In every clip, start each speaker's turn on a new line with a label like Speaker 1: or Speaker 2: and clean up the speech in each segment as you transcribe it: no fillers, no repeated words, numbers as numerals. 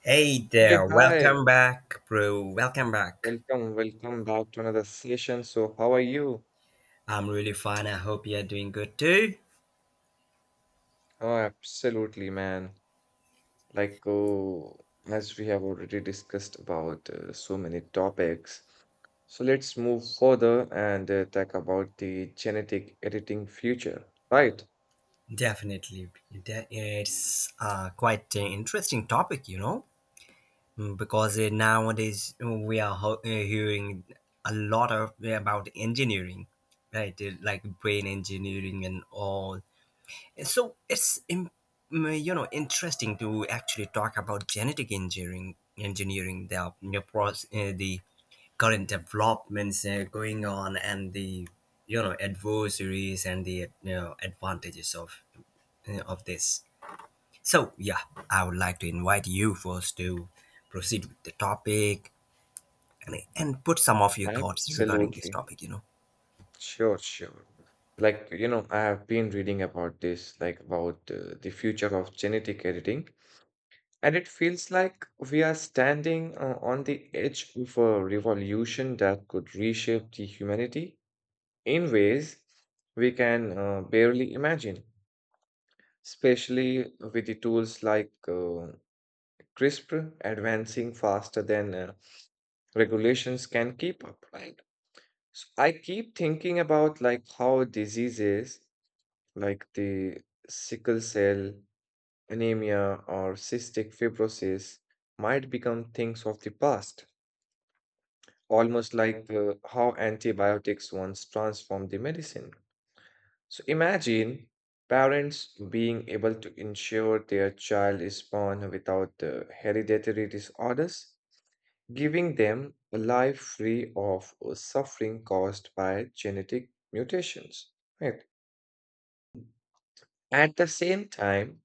Speaker 1: Hey
Speaker 2: Hey,
Speaker 1: there,
Speaker 2: hi.
Speaker 1: welcome back, bro. Welcome back.
Speaker 2: Welcome back to another session. So, how are you?
Speaker 1: I'm really fine. I hope you're doing good too.
Speaker 2: Oh, absolutely, man. Like, oh, as we have already discussed about so many topics. So, let's move further and talk about the genetic editing future, right?
Speaker 1: Definitely. It's quite an interesting topic, because nowadays we are hearing a lot of about engineering, right? Like brain engineering and all. And so it's interesting to actually talk about genetic engineering, the process, the current developments going on, and the adversaries and the advantages of of this. So yeah, I would like to invite you first to proceed with the topic, and put some of your thoughts regarding this
Speaker 2: Absolutely.
Speaker 1: topic you know
Speaker 2: Sure. Like, you know, I have been reading about this, like about the future of genetic editing. And it feels like we are standing on the edge of a revolution that could reshape the humanity in ways we can barely imagine, especially with the tools like CRISPR advancing faster than regulations can keep up, right? So I keep thinking about like how diseases like the sickle cell anemia or cystic fibrosis might become things of the past almost like how antibiotics once transformed the medicine. So imagine parents being able to ensure their child is born without hereditary disorders, giving them a life free of suffering caused by genetic mutations. Right. At the same time,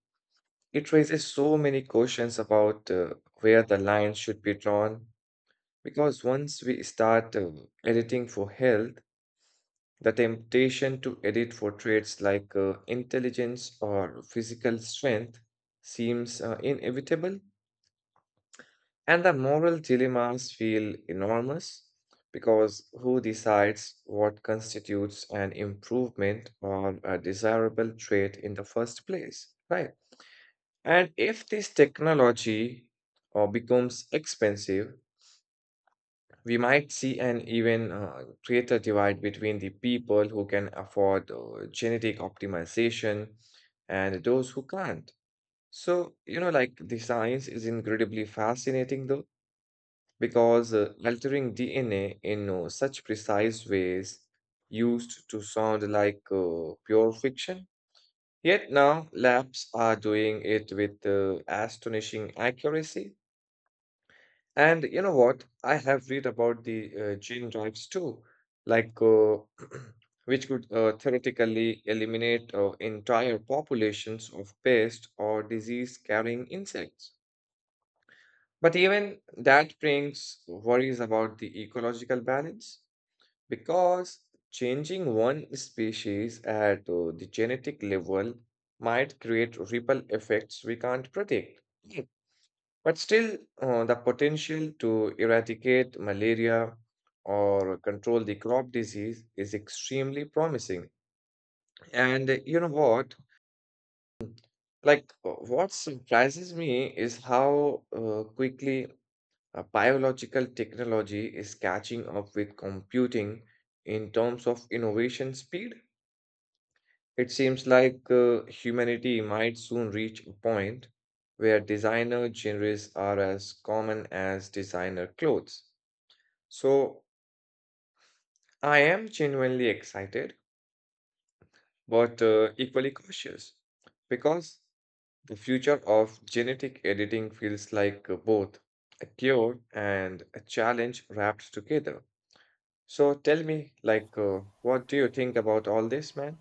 Speaker 2: it raises so many questions about where the line should be drawn because once we start editing for health, the temptation to edit for traits like intelligence or physical strength seems inevitable, and the moral dilemmas feel enormous because who decides what constitutes an improvement or a desirable trait in the first place, right? And if this technology becomes expensive, we might see an even greater divide between the people who can afford genetic optimization and those who can't. So, you know, like the science is incredibly fascinating though, because altering DNA in such precise ways used to sound like pure fiction. Yet now labs are doing it with astonishing accuracy. And you know what? I have read about the gene drives too, like uh, which could theoretically eliminate entire populations of pest or disease-carrying insects. But even that brings worries about the ecological balance because changing one species at the genetic level might create ripple effects we can't predict. But still, the potential to eradicate malaria or control the crop disease is extremely promising. And you know what? What surprises me is how quickly biological technology is catching up with computing in terms of innovation speed. It seems like humanity might soon reach a point where designer genres are as common as designer clothes. So I am genuinely excited, but equally cautious because the future of genetic editing feels like both a cure and a challenge wrapped together. So tell me, like, what do you think about all this, man?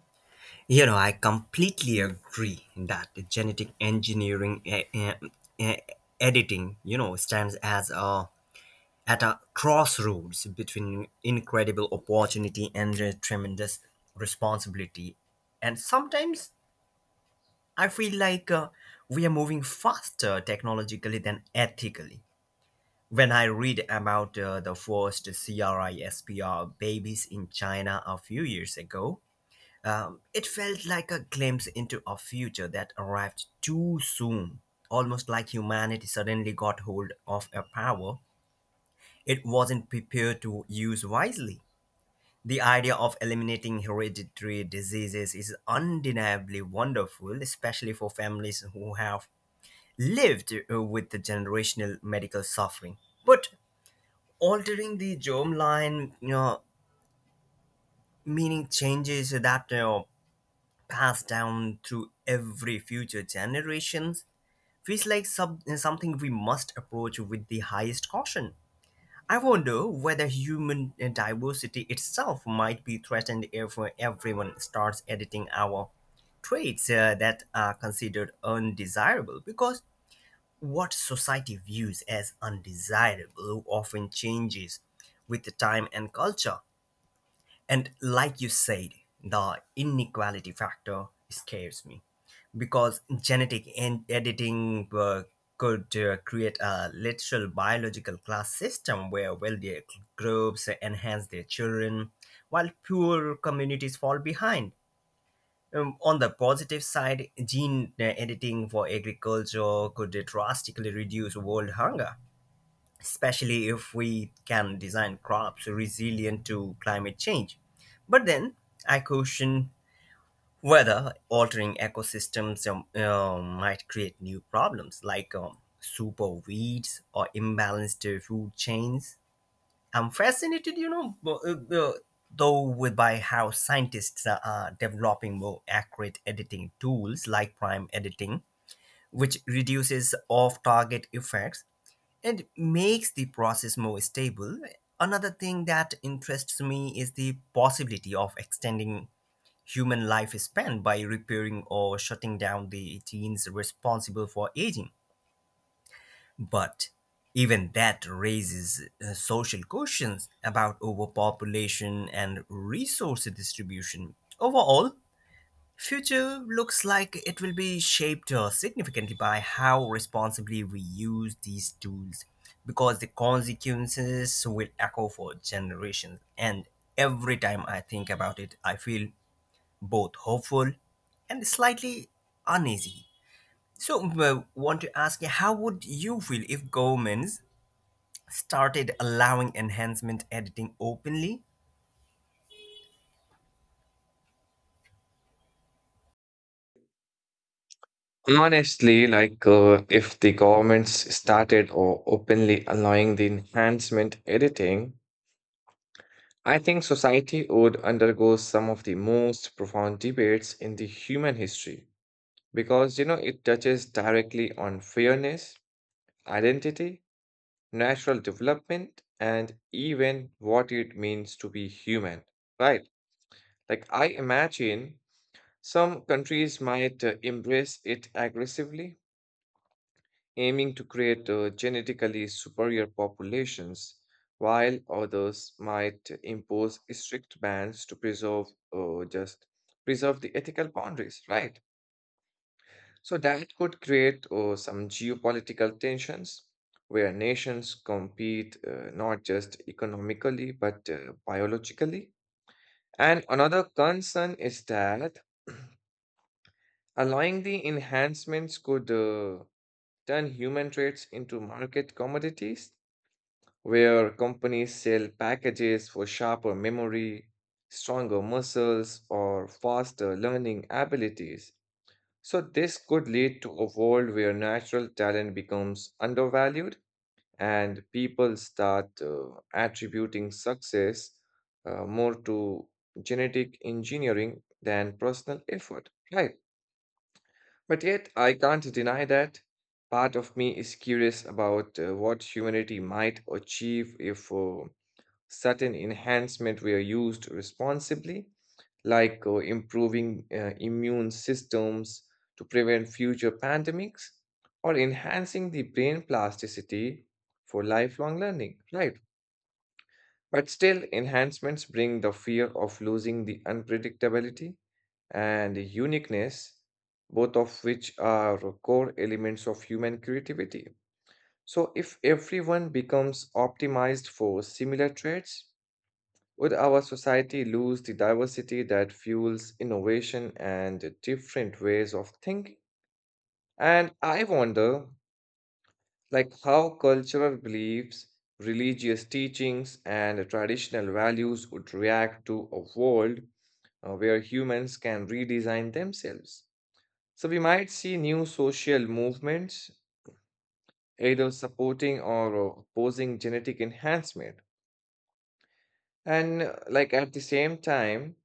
Speaker 1: you know I completely agree that the genetic engineering uh, editing, stands as a at a crossroads between incredible opportunity and tremendous responsibility. And sometimes I feel like we are moving faster technologically than ethically. When I read about the first CRISPR babies in China a few years ago, it felt like a glimpse into a future that arrived too soon, almost like humanity suddenly got hold of a power it wasn't prepared to use wisely. The idea of eliminating hereditary diseases is undeniably wonderful, especially for families who have lived with the generational medical suffering. But altering the germline, meaning changes that pass down through every future generations, feels like something we must approach with the highest caution. I wonder whether human diversity itself might be threatened if everyone starts editing our traits that are considered undesirable, because what society views as undesirable often changes with the time and culture. And like you said, the inequality factor scares me because genetic editing could create a literal biological class system where wealthier groups enhance their children while poor communities fall behind. On the positive side, gene editing for agriculture could drastically reduce world hunger, especially if we can design crops resilient to climate change. But then I caution whether altering ecosystems might create new problems like super weeds or imbalanced food chains. I'm fascinated, though, with by how scientists are developing more accurate editing tools like prime editing, which reduces off-target effects, it makes the process more stable. Another thing that interests me is the possibility of extending human lifespan by repairing or shutting down the genes responsible for aging. But even that raises social questions about overpopulation and resource distribution. Overall, future looks like it will be shaped significantly by how responsibly we use these tools, because the consequences will echo for generations. And every time I think about it, I feel both hopeful and slightly uneasy. So, want to ask you, how would you feel if governments started allowing enhancement editing openly?
Speaker 2: Honestly, if the governments started or openly allowing the enhancement editing, I think society would undergo some of the most profound debates in the human history, because you know it touches directly on fairness, identity, natural development, and even what it means to be human, right? Like, I imagine some countries might embrace it aggressively, aiming to create genetically superior populations, while others might impose strict bans to preserve just preserve the ethical boundaries, right? So that could create some geopolitical tensions where nations compete not just economically but biologically. And another concern is that allowing the enhancements could turn human traits into market commodities where companies sell packages for sharper memory, stronger muscles, or faster learning abilities. So, this could lead to a world where natural talent becomes undervalued and people start attributing success more to genetic engineering than personal effort. Right. But yet, I can't deny that part of me is curious about what humanity might achieve if certain enhancement were used responsibly like improving immune systems to prevent future pandemics or enhancing the brain plasticity for lifelong learning, right? But still, enhancements bring the fear of losing the unpredictability and uniqueness, both of which are core elements of human creativity. So, if everyone becomes optimized for similar traits, would our society lose the diversity that fuels innovation and different ways of thinking? And I wonder, like, how cultural beliefs, religious teachings, and traditional values would react to a world where humans can redesign themselves. So we might see new social movements, either supporting or opposing genetic enhancement. At the same time,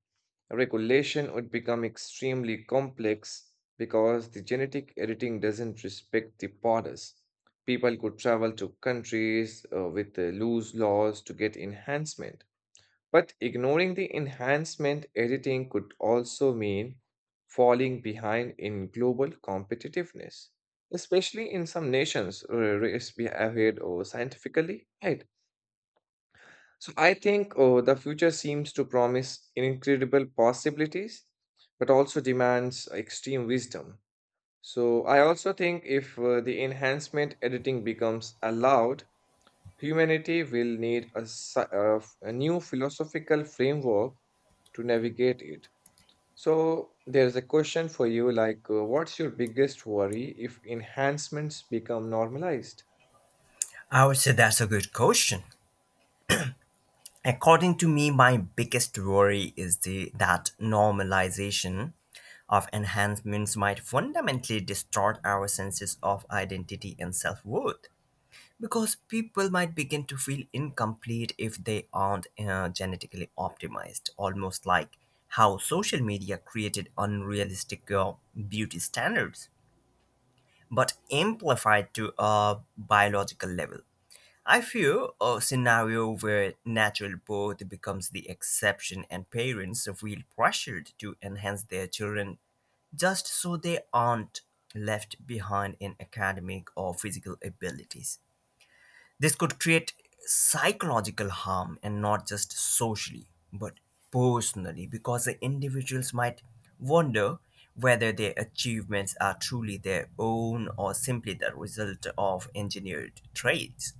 Speaker 2: regulation would become extremely complex because the genetic editing doesn't respect the borders. People could travel to countries with loose laws to get enhancement. But ignoring the enhancement editing could also mean falling behind in global competitiveness, especially in some nations race behaved or scientifically, right? So I think the future seems to promise incredible possibilities, but also demands extreme wisdom. So I also think if the enhancement editing becomes allowed, humanity will need a, new philosophical framework to navigate it. So there's a question for you like, what's your biggest worry if enhancements become normalized?
Speaker 1: I would say that's a good question. According to me, my biggest worry is that normalization of enhancements might fundamentally distort our senses of identity and self worth. Because people might begin to feel incomplete if they aren't genetically optimized, almost like how social media created unrealistic beauty standards, but amplified to a biological level. I feel a scenario where natural birth becomes the exception and parents feel pressured to enhance their children just so they aren't left behind in academic or physical abilities. This could create psychological harm, and not just socially, but personally, because the individuals might wonder whether their achievements are truly their own or simply the result of engineered traits.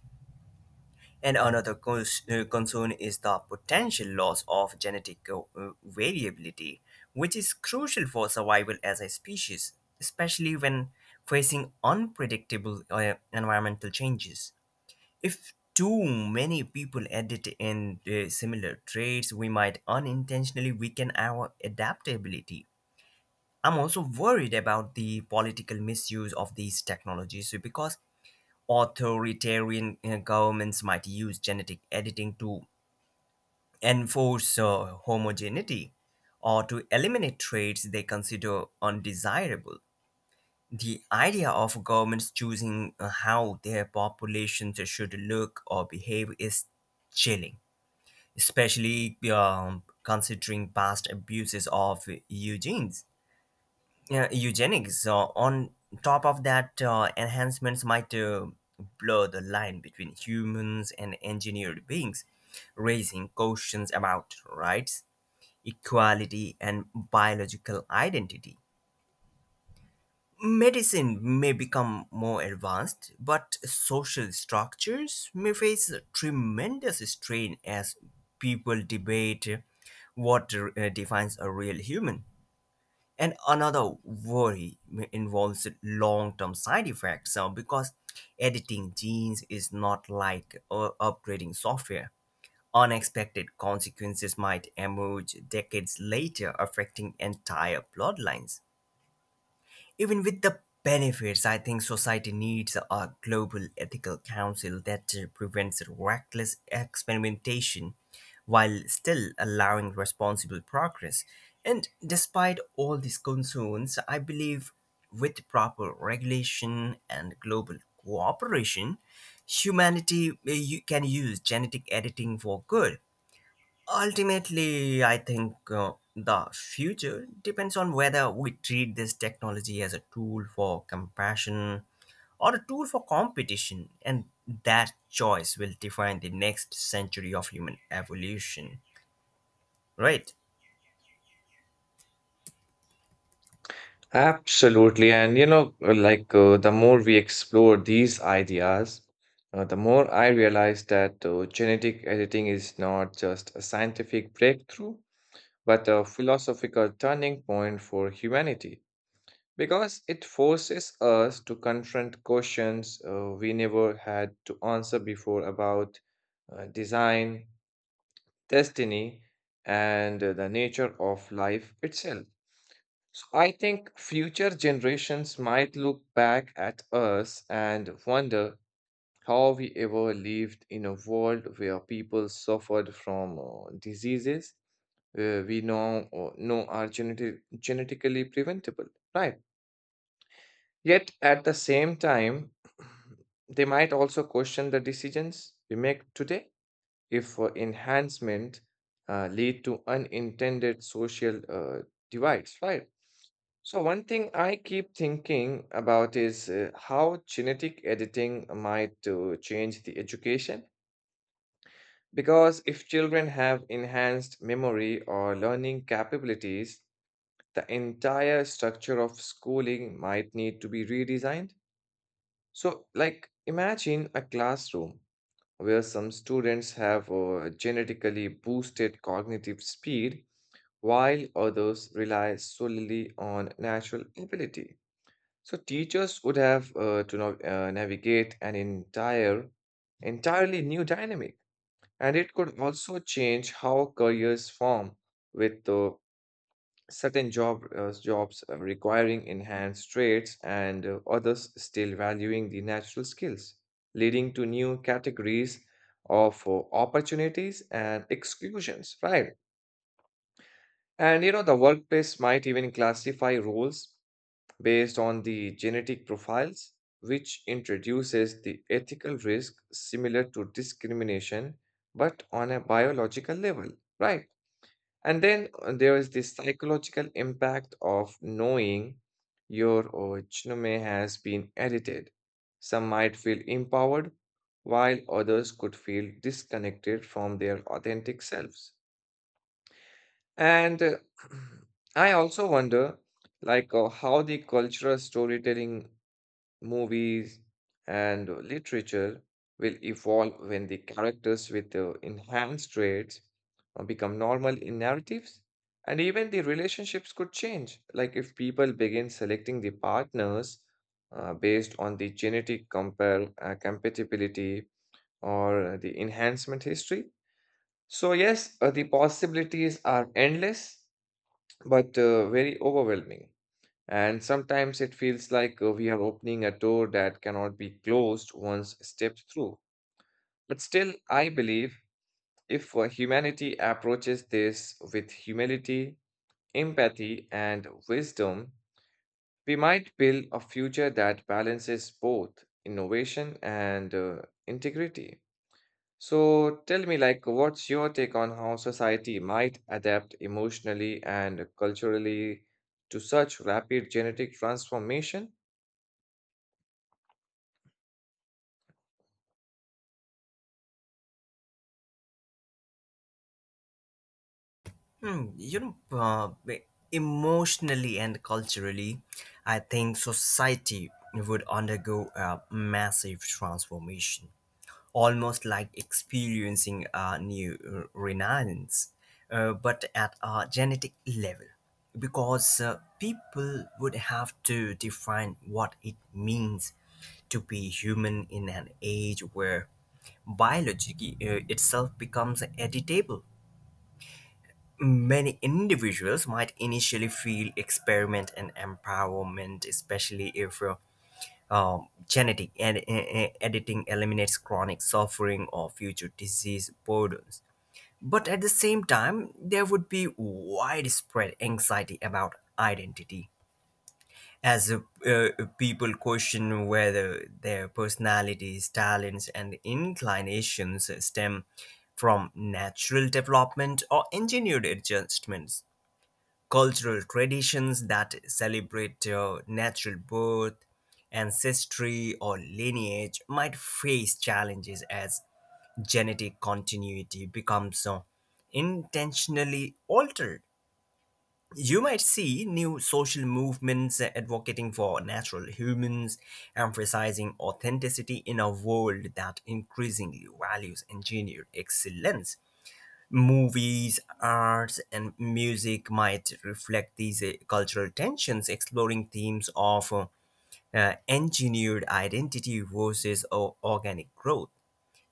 Speaker 1: And another concern is the potential loss of genetic variability, which is crucial for survival as a species, especially when facing unpredictable environmental changes. If too many people edit in similar traits, we might unintentionally weaken our adaptability. I'm also worried about the political misuse of these technologies because authoritarian governments might use genetic editing to enforce homogeneity or to eliminate traits they consider undesirable. The idea of governments choosing how their populations should look or behave is chilling, especially considering past abuses of eugenics. On top of that, enhancements might blur the line between humans and engineered beings, raising questions about rights, equality, and biological identity. Medicine may become more advanced, but social structures may face a tremendous strain as people debate what defines a real human. And another worry involves long-term side effects, because editing genes is not like upgrading software. Unexpected consequences might emerge decades later, affecting entire bloodlines. Even with the benefits, I think society needs a global ethical council that prevents reckless experimentation while still allowing responsible progress. And despite all these concerns, I believe with proper regulation and global cooperation, humanity you can use genetic editing for good. Ultimately, I think the future depends on whether we treat this technology as a tool for compassion or a tool for competition, and that choice will define the next century of human evolution, right?
Speaker 2: Absolutely. And you know, the more we explore these ideas, the more I realize that genetic editing is not just a scientific breakthrough, but a philosophical turning point for humanity because it forces us to confront questions we never had to answer before about design, destiny, and the nature of life itself. So I think future generations might look back at us and wonder how we ever lived in a world where people suffered from diseases we now know are genetically preventable, right? Yet at the same time, they might also question the decisions we make today if enhancement lead to unintended social divides, right? So, one thing I keep thinking about is how genetic editing might change the education. Because if children have enhanced memory or learning capabilities, the entire structure of schooling might need to be redesigned. So, like, imagine a classroom where some students have genetically boosted cognitive speed while others rely solely on natural ability. So teachers would have navigate an entirely new dynamic, and it could also change how careers form with certain jobs requiring enhanced traits and others still valuing the natural skills, leading to new categories of opportunities and exclusions. Right, and you know the workplace might even classify roles based on the genetic profiles, which introduces the ethical risk similar to discrimination, but on a biological level, right? And then there is the psychological impact of knowing your genome has been edited. Some might feel empowered, while others could feel disconnected from their authentic selves. And I also wonder, how the cultural storytelling movies, and literature will evolve when the characters with enhanced traits become normal in narratives. And even the relationships could change. Like if people begin selecting the partners based on the compatibility or the enhancement history. So, yes, the possibilities are endless but very overwhelming. And sometimes it feels like we are opening a door that cannot be closed once stepped through. But still, I believe if humanity approaches this with humility, empathy, and wisdom, we might build a future that balances both innovation and integrity. So tell me, like, what's your take on how society might adapt emotionally and culturally to such rapid genetic transformation?
Speaker 1: Hmm, you know, uh, Emotionally and culturally, I think society would undergo a massive transformation, almost like experiencing a new renaissance, but at a genetic level, because people would have to define what it means to be human in an age where biology itself becomes editable. Many individuals might initially feel experiment and empowerment, especially if genetic editing eliminates chronic suffering or future disease burdens. But at the same time, there would be widespread anxiety about identity as uh, people question whether their personalities, talents, and inclinations stem from natural development or engineered adjustments. Cultural traditions that celebrate natural birth, ancestry, or lineage might face challenges as genetic continuity becomes intentionally altered. You might see new social movements advocating for natural humans, emphasizing authenticity in a world that increasingly values engineered excellence. Movies, arts, and music might reflect these cultural tensions, exploring themes of engineered identity versus organic growth.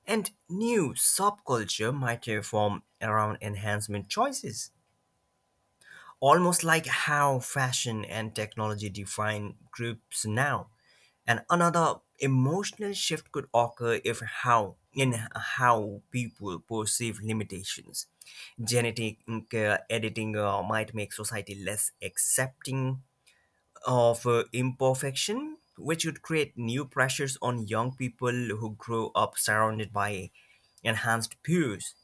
Speaker 1: And new subculture might form around enhancement choices, almost like how fashion and technology define groups now. And another emotional shift could occur if how in how people perceive limitations. Genetic editing might make society less accepting of imperfection, which would create new pressures on young people who grow up surrounded by enhanced peers.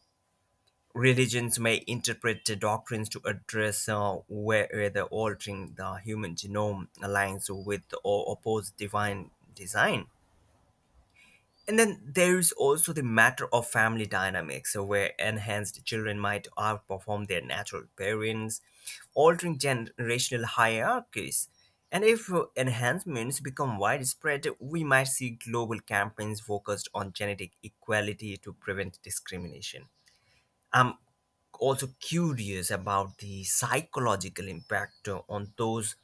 Speaker 1: Religions may interpret the doctrines to address whether altering the human genome aligns with or opposes divine design. And then there is also the matter of family dynamics, so where enhanced children might outperform their natural parents, altering generational hierarchies. And if enhancements become widespread, we might see global campaigns focused on genetic equality to prevent discrimination. I'm also curious about the psychological impact on those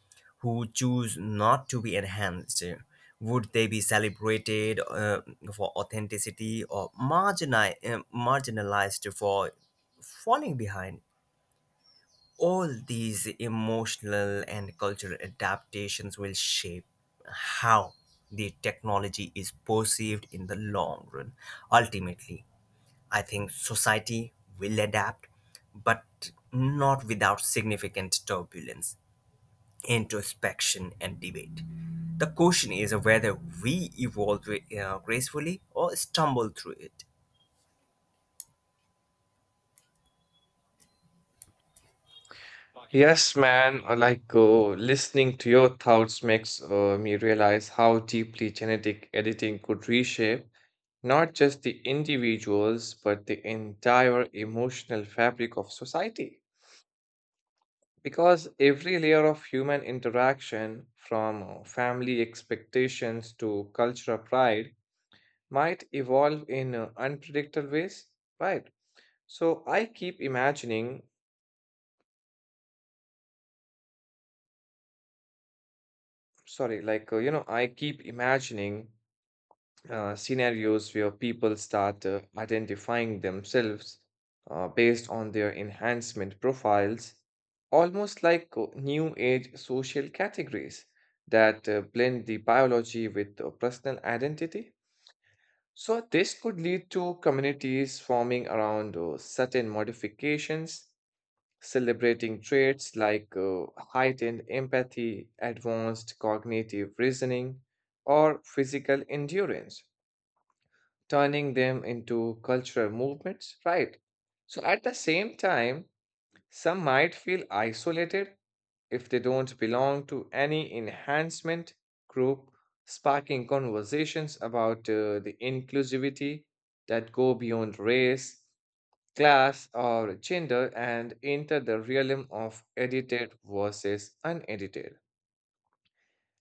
Speaker 1: who choose not to be enhanced. Would they be celebrated for authenticity or marginalized for falling behind? All these emotional and cultural adaptations will shape how the technology is perceived in the long run. Ultimately, I think society will adapt, but not without significant turbulence, introspection, and debate. The question is whether we evolve gracefully or stumble through it.
Speaker 2: Yes, man. Like listening to your thoughts makes me realize how deeply genetic editing could reshape not just the individuals, but the entire emotional fabric of society. Because every layer of human interaction, from family expectations to cultural pride, might evolve in unpredictable ways, right? So I keep imagining, sorry, you know, I keep imagining scenarios where people start identifying themselves based on their enhancement profiles, almost like new age social categories that blend the biology with personal identity. So, this could lead to communities forming around certain modifications, celebrating traits like heightened empathy, advanced cognitive reasoning, or physical endurance turning them into cultural movements, right? So at the same time, some might feel isolated if they don't belong to any enhancement group, sparking conversations about the inclusivity that go beyond race, class, or gender and enter the realm of edited versus unedited.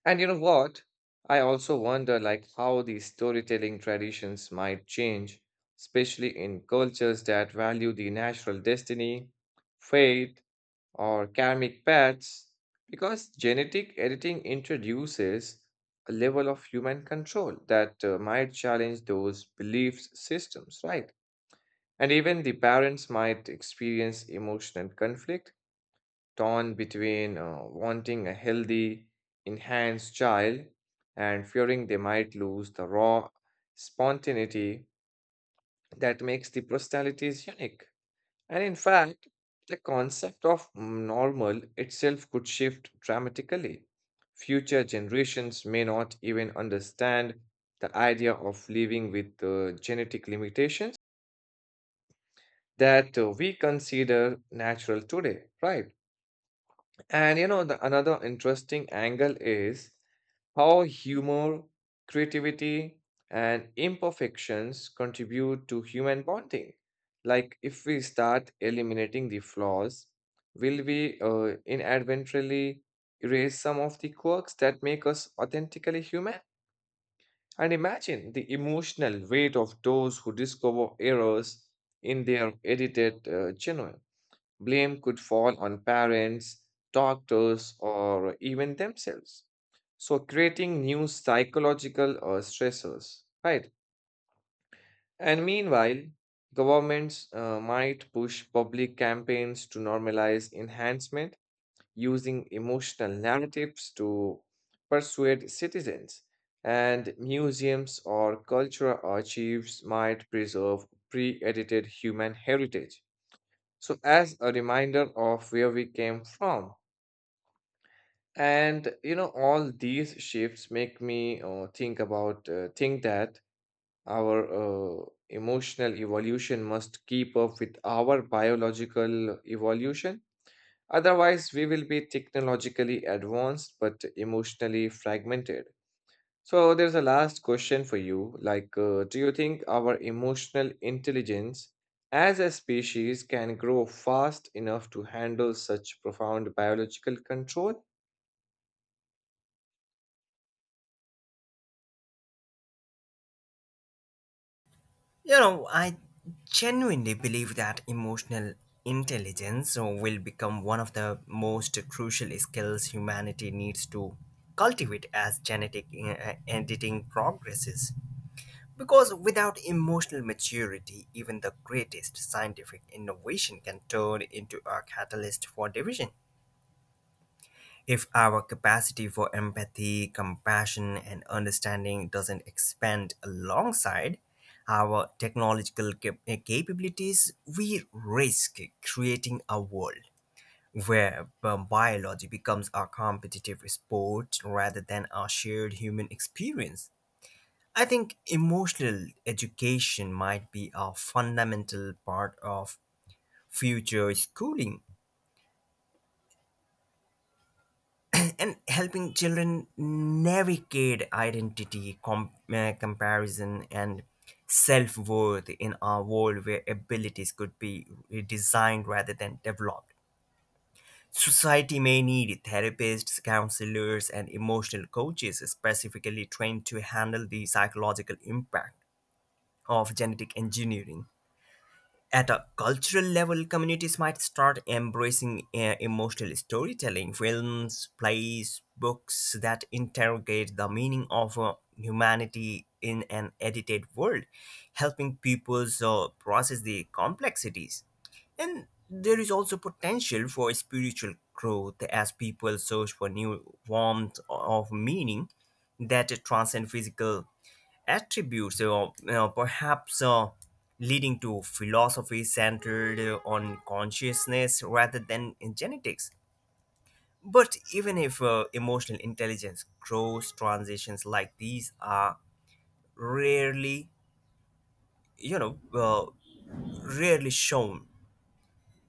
Speaker 2: And you know what? I also wonder like how these storytelling traditions might change, especially in cultures that value the natural destiny, fate, or karmic paths, because genetic editing introduces a level of human control that might challenge those belief systems, right? And even the parents might experience emotional conflict torn between wanting a healthy, enhanced child and fearing they might lose the raw spontaneity that makes the personalities unique. And in fact, the concept of normal itself could shift dramatically. Future generations may not even understand the idea of living with genetic limitations that we consider natural today, right? And you know, the another interesting angle is how humor, creativity, and imperfections contribute to human bonding. Like, if we start eliminating the flaws, will we inadvertently erase some of the quirks that make us authentically human? And imagine the emotional weight of those who discover errors in their edited genuine. Blame could fall on parents, doctors, or even themselves. So, creating new psychological stressors, right? And meanwhile, governments might push public campaigns to normalize enhancement using emotional narratives to persuade citizens. And museums or cultural archives might preserve pre edited human heritage. So, as a reminder of where we came from, and you know, all these shifts make me think that our emotional evolution must keep up with our biological evolution. Otherwise, we will be technologically advanced but emotionally fragmented. So there's a last question for you. Like, do you think our emotional intelligence as a species can grow fast enough to handle such profound biological control?
Speaker 1: You know, I genuinely believe that emotional intelligence will become one of the most crucial skills humanity needs to cultivate as genetic editing progresses. Because without emotional maturity, even the greatest scientific innovation can turn into a catalyst for division. If our capacity for empathy, compassion, and understanding doesn't expand alongside our technological capabilities, we risk creating a world where biology becomes a competitive sport rather than a shared human experience. I think emotional education might be a fundamental part of future schooling and helping children navigate identity, comparison, and self worth in a world where abilities could be designed rather than developed. Society may need therapists, counselors, and emotional coaches specifically trained to handle the psychological impact of genetic engineering. At a cultural level, communities might start embracing emotional storytelling, films, plays, books that interrogate the meaning of humanity in an edited world, helping people process the complexities. And there is also potential for spiritual growth as people search for new forms of meaning that transcend physical attributes, or perhaps leading to philosophy centered on consciousness rather than in genetics. But even if emotional intelligence grows, transitions like these are rarely, you know, uh, rarely shown.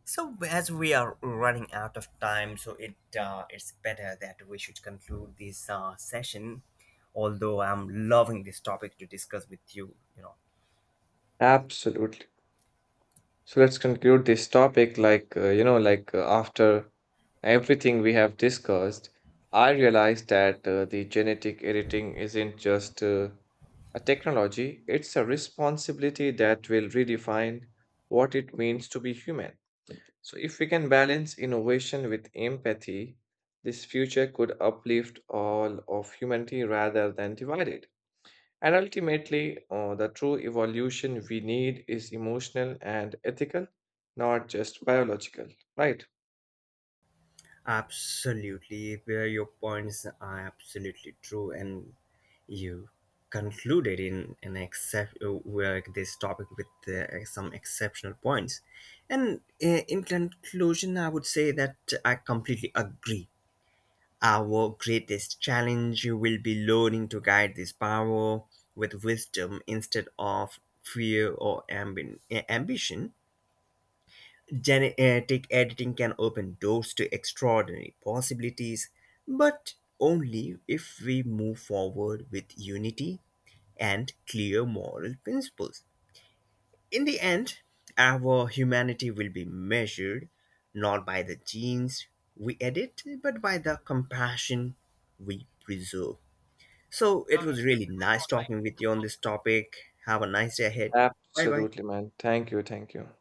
Speaker 1: So as we are running out of time, so it's better that we should conclude this session. Although I'm loving this topic to discuss with you, you know,
Speaker 2: Absolutely. So let's conclude this topic. Like, after everything we have discussed, I realized that the genetic editing isn't just a technology, it's a responsibility that will redefine what it means to be human. So, if we can balance innovation with empathy, this future could uplift all of humanity rather than divide it. And ultimately, the true evolution we need is emotional and ethical, not just biological, right?
Speaker 1: absolutely, where your points are absolutely true, and you concluded in an except where this topic with some exceptional points. And in conclusion, I would say that I completely agree. Our greatest challenge will be learning to guide this power with wisdom instead of fear or ambition. Genetic editing can open doors to extraordinary possibilities, but only if we move forward with unity and clear moral principles. In the end, our humanity will be measured not by the genes we edit, but by the compassion we preserve. So it was really nice talking with you on this topic. Have a nice day ahead. Bye bye.
Speaker 2: Absolutely, man. Thank you. Thank you.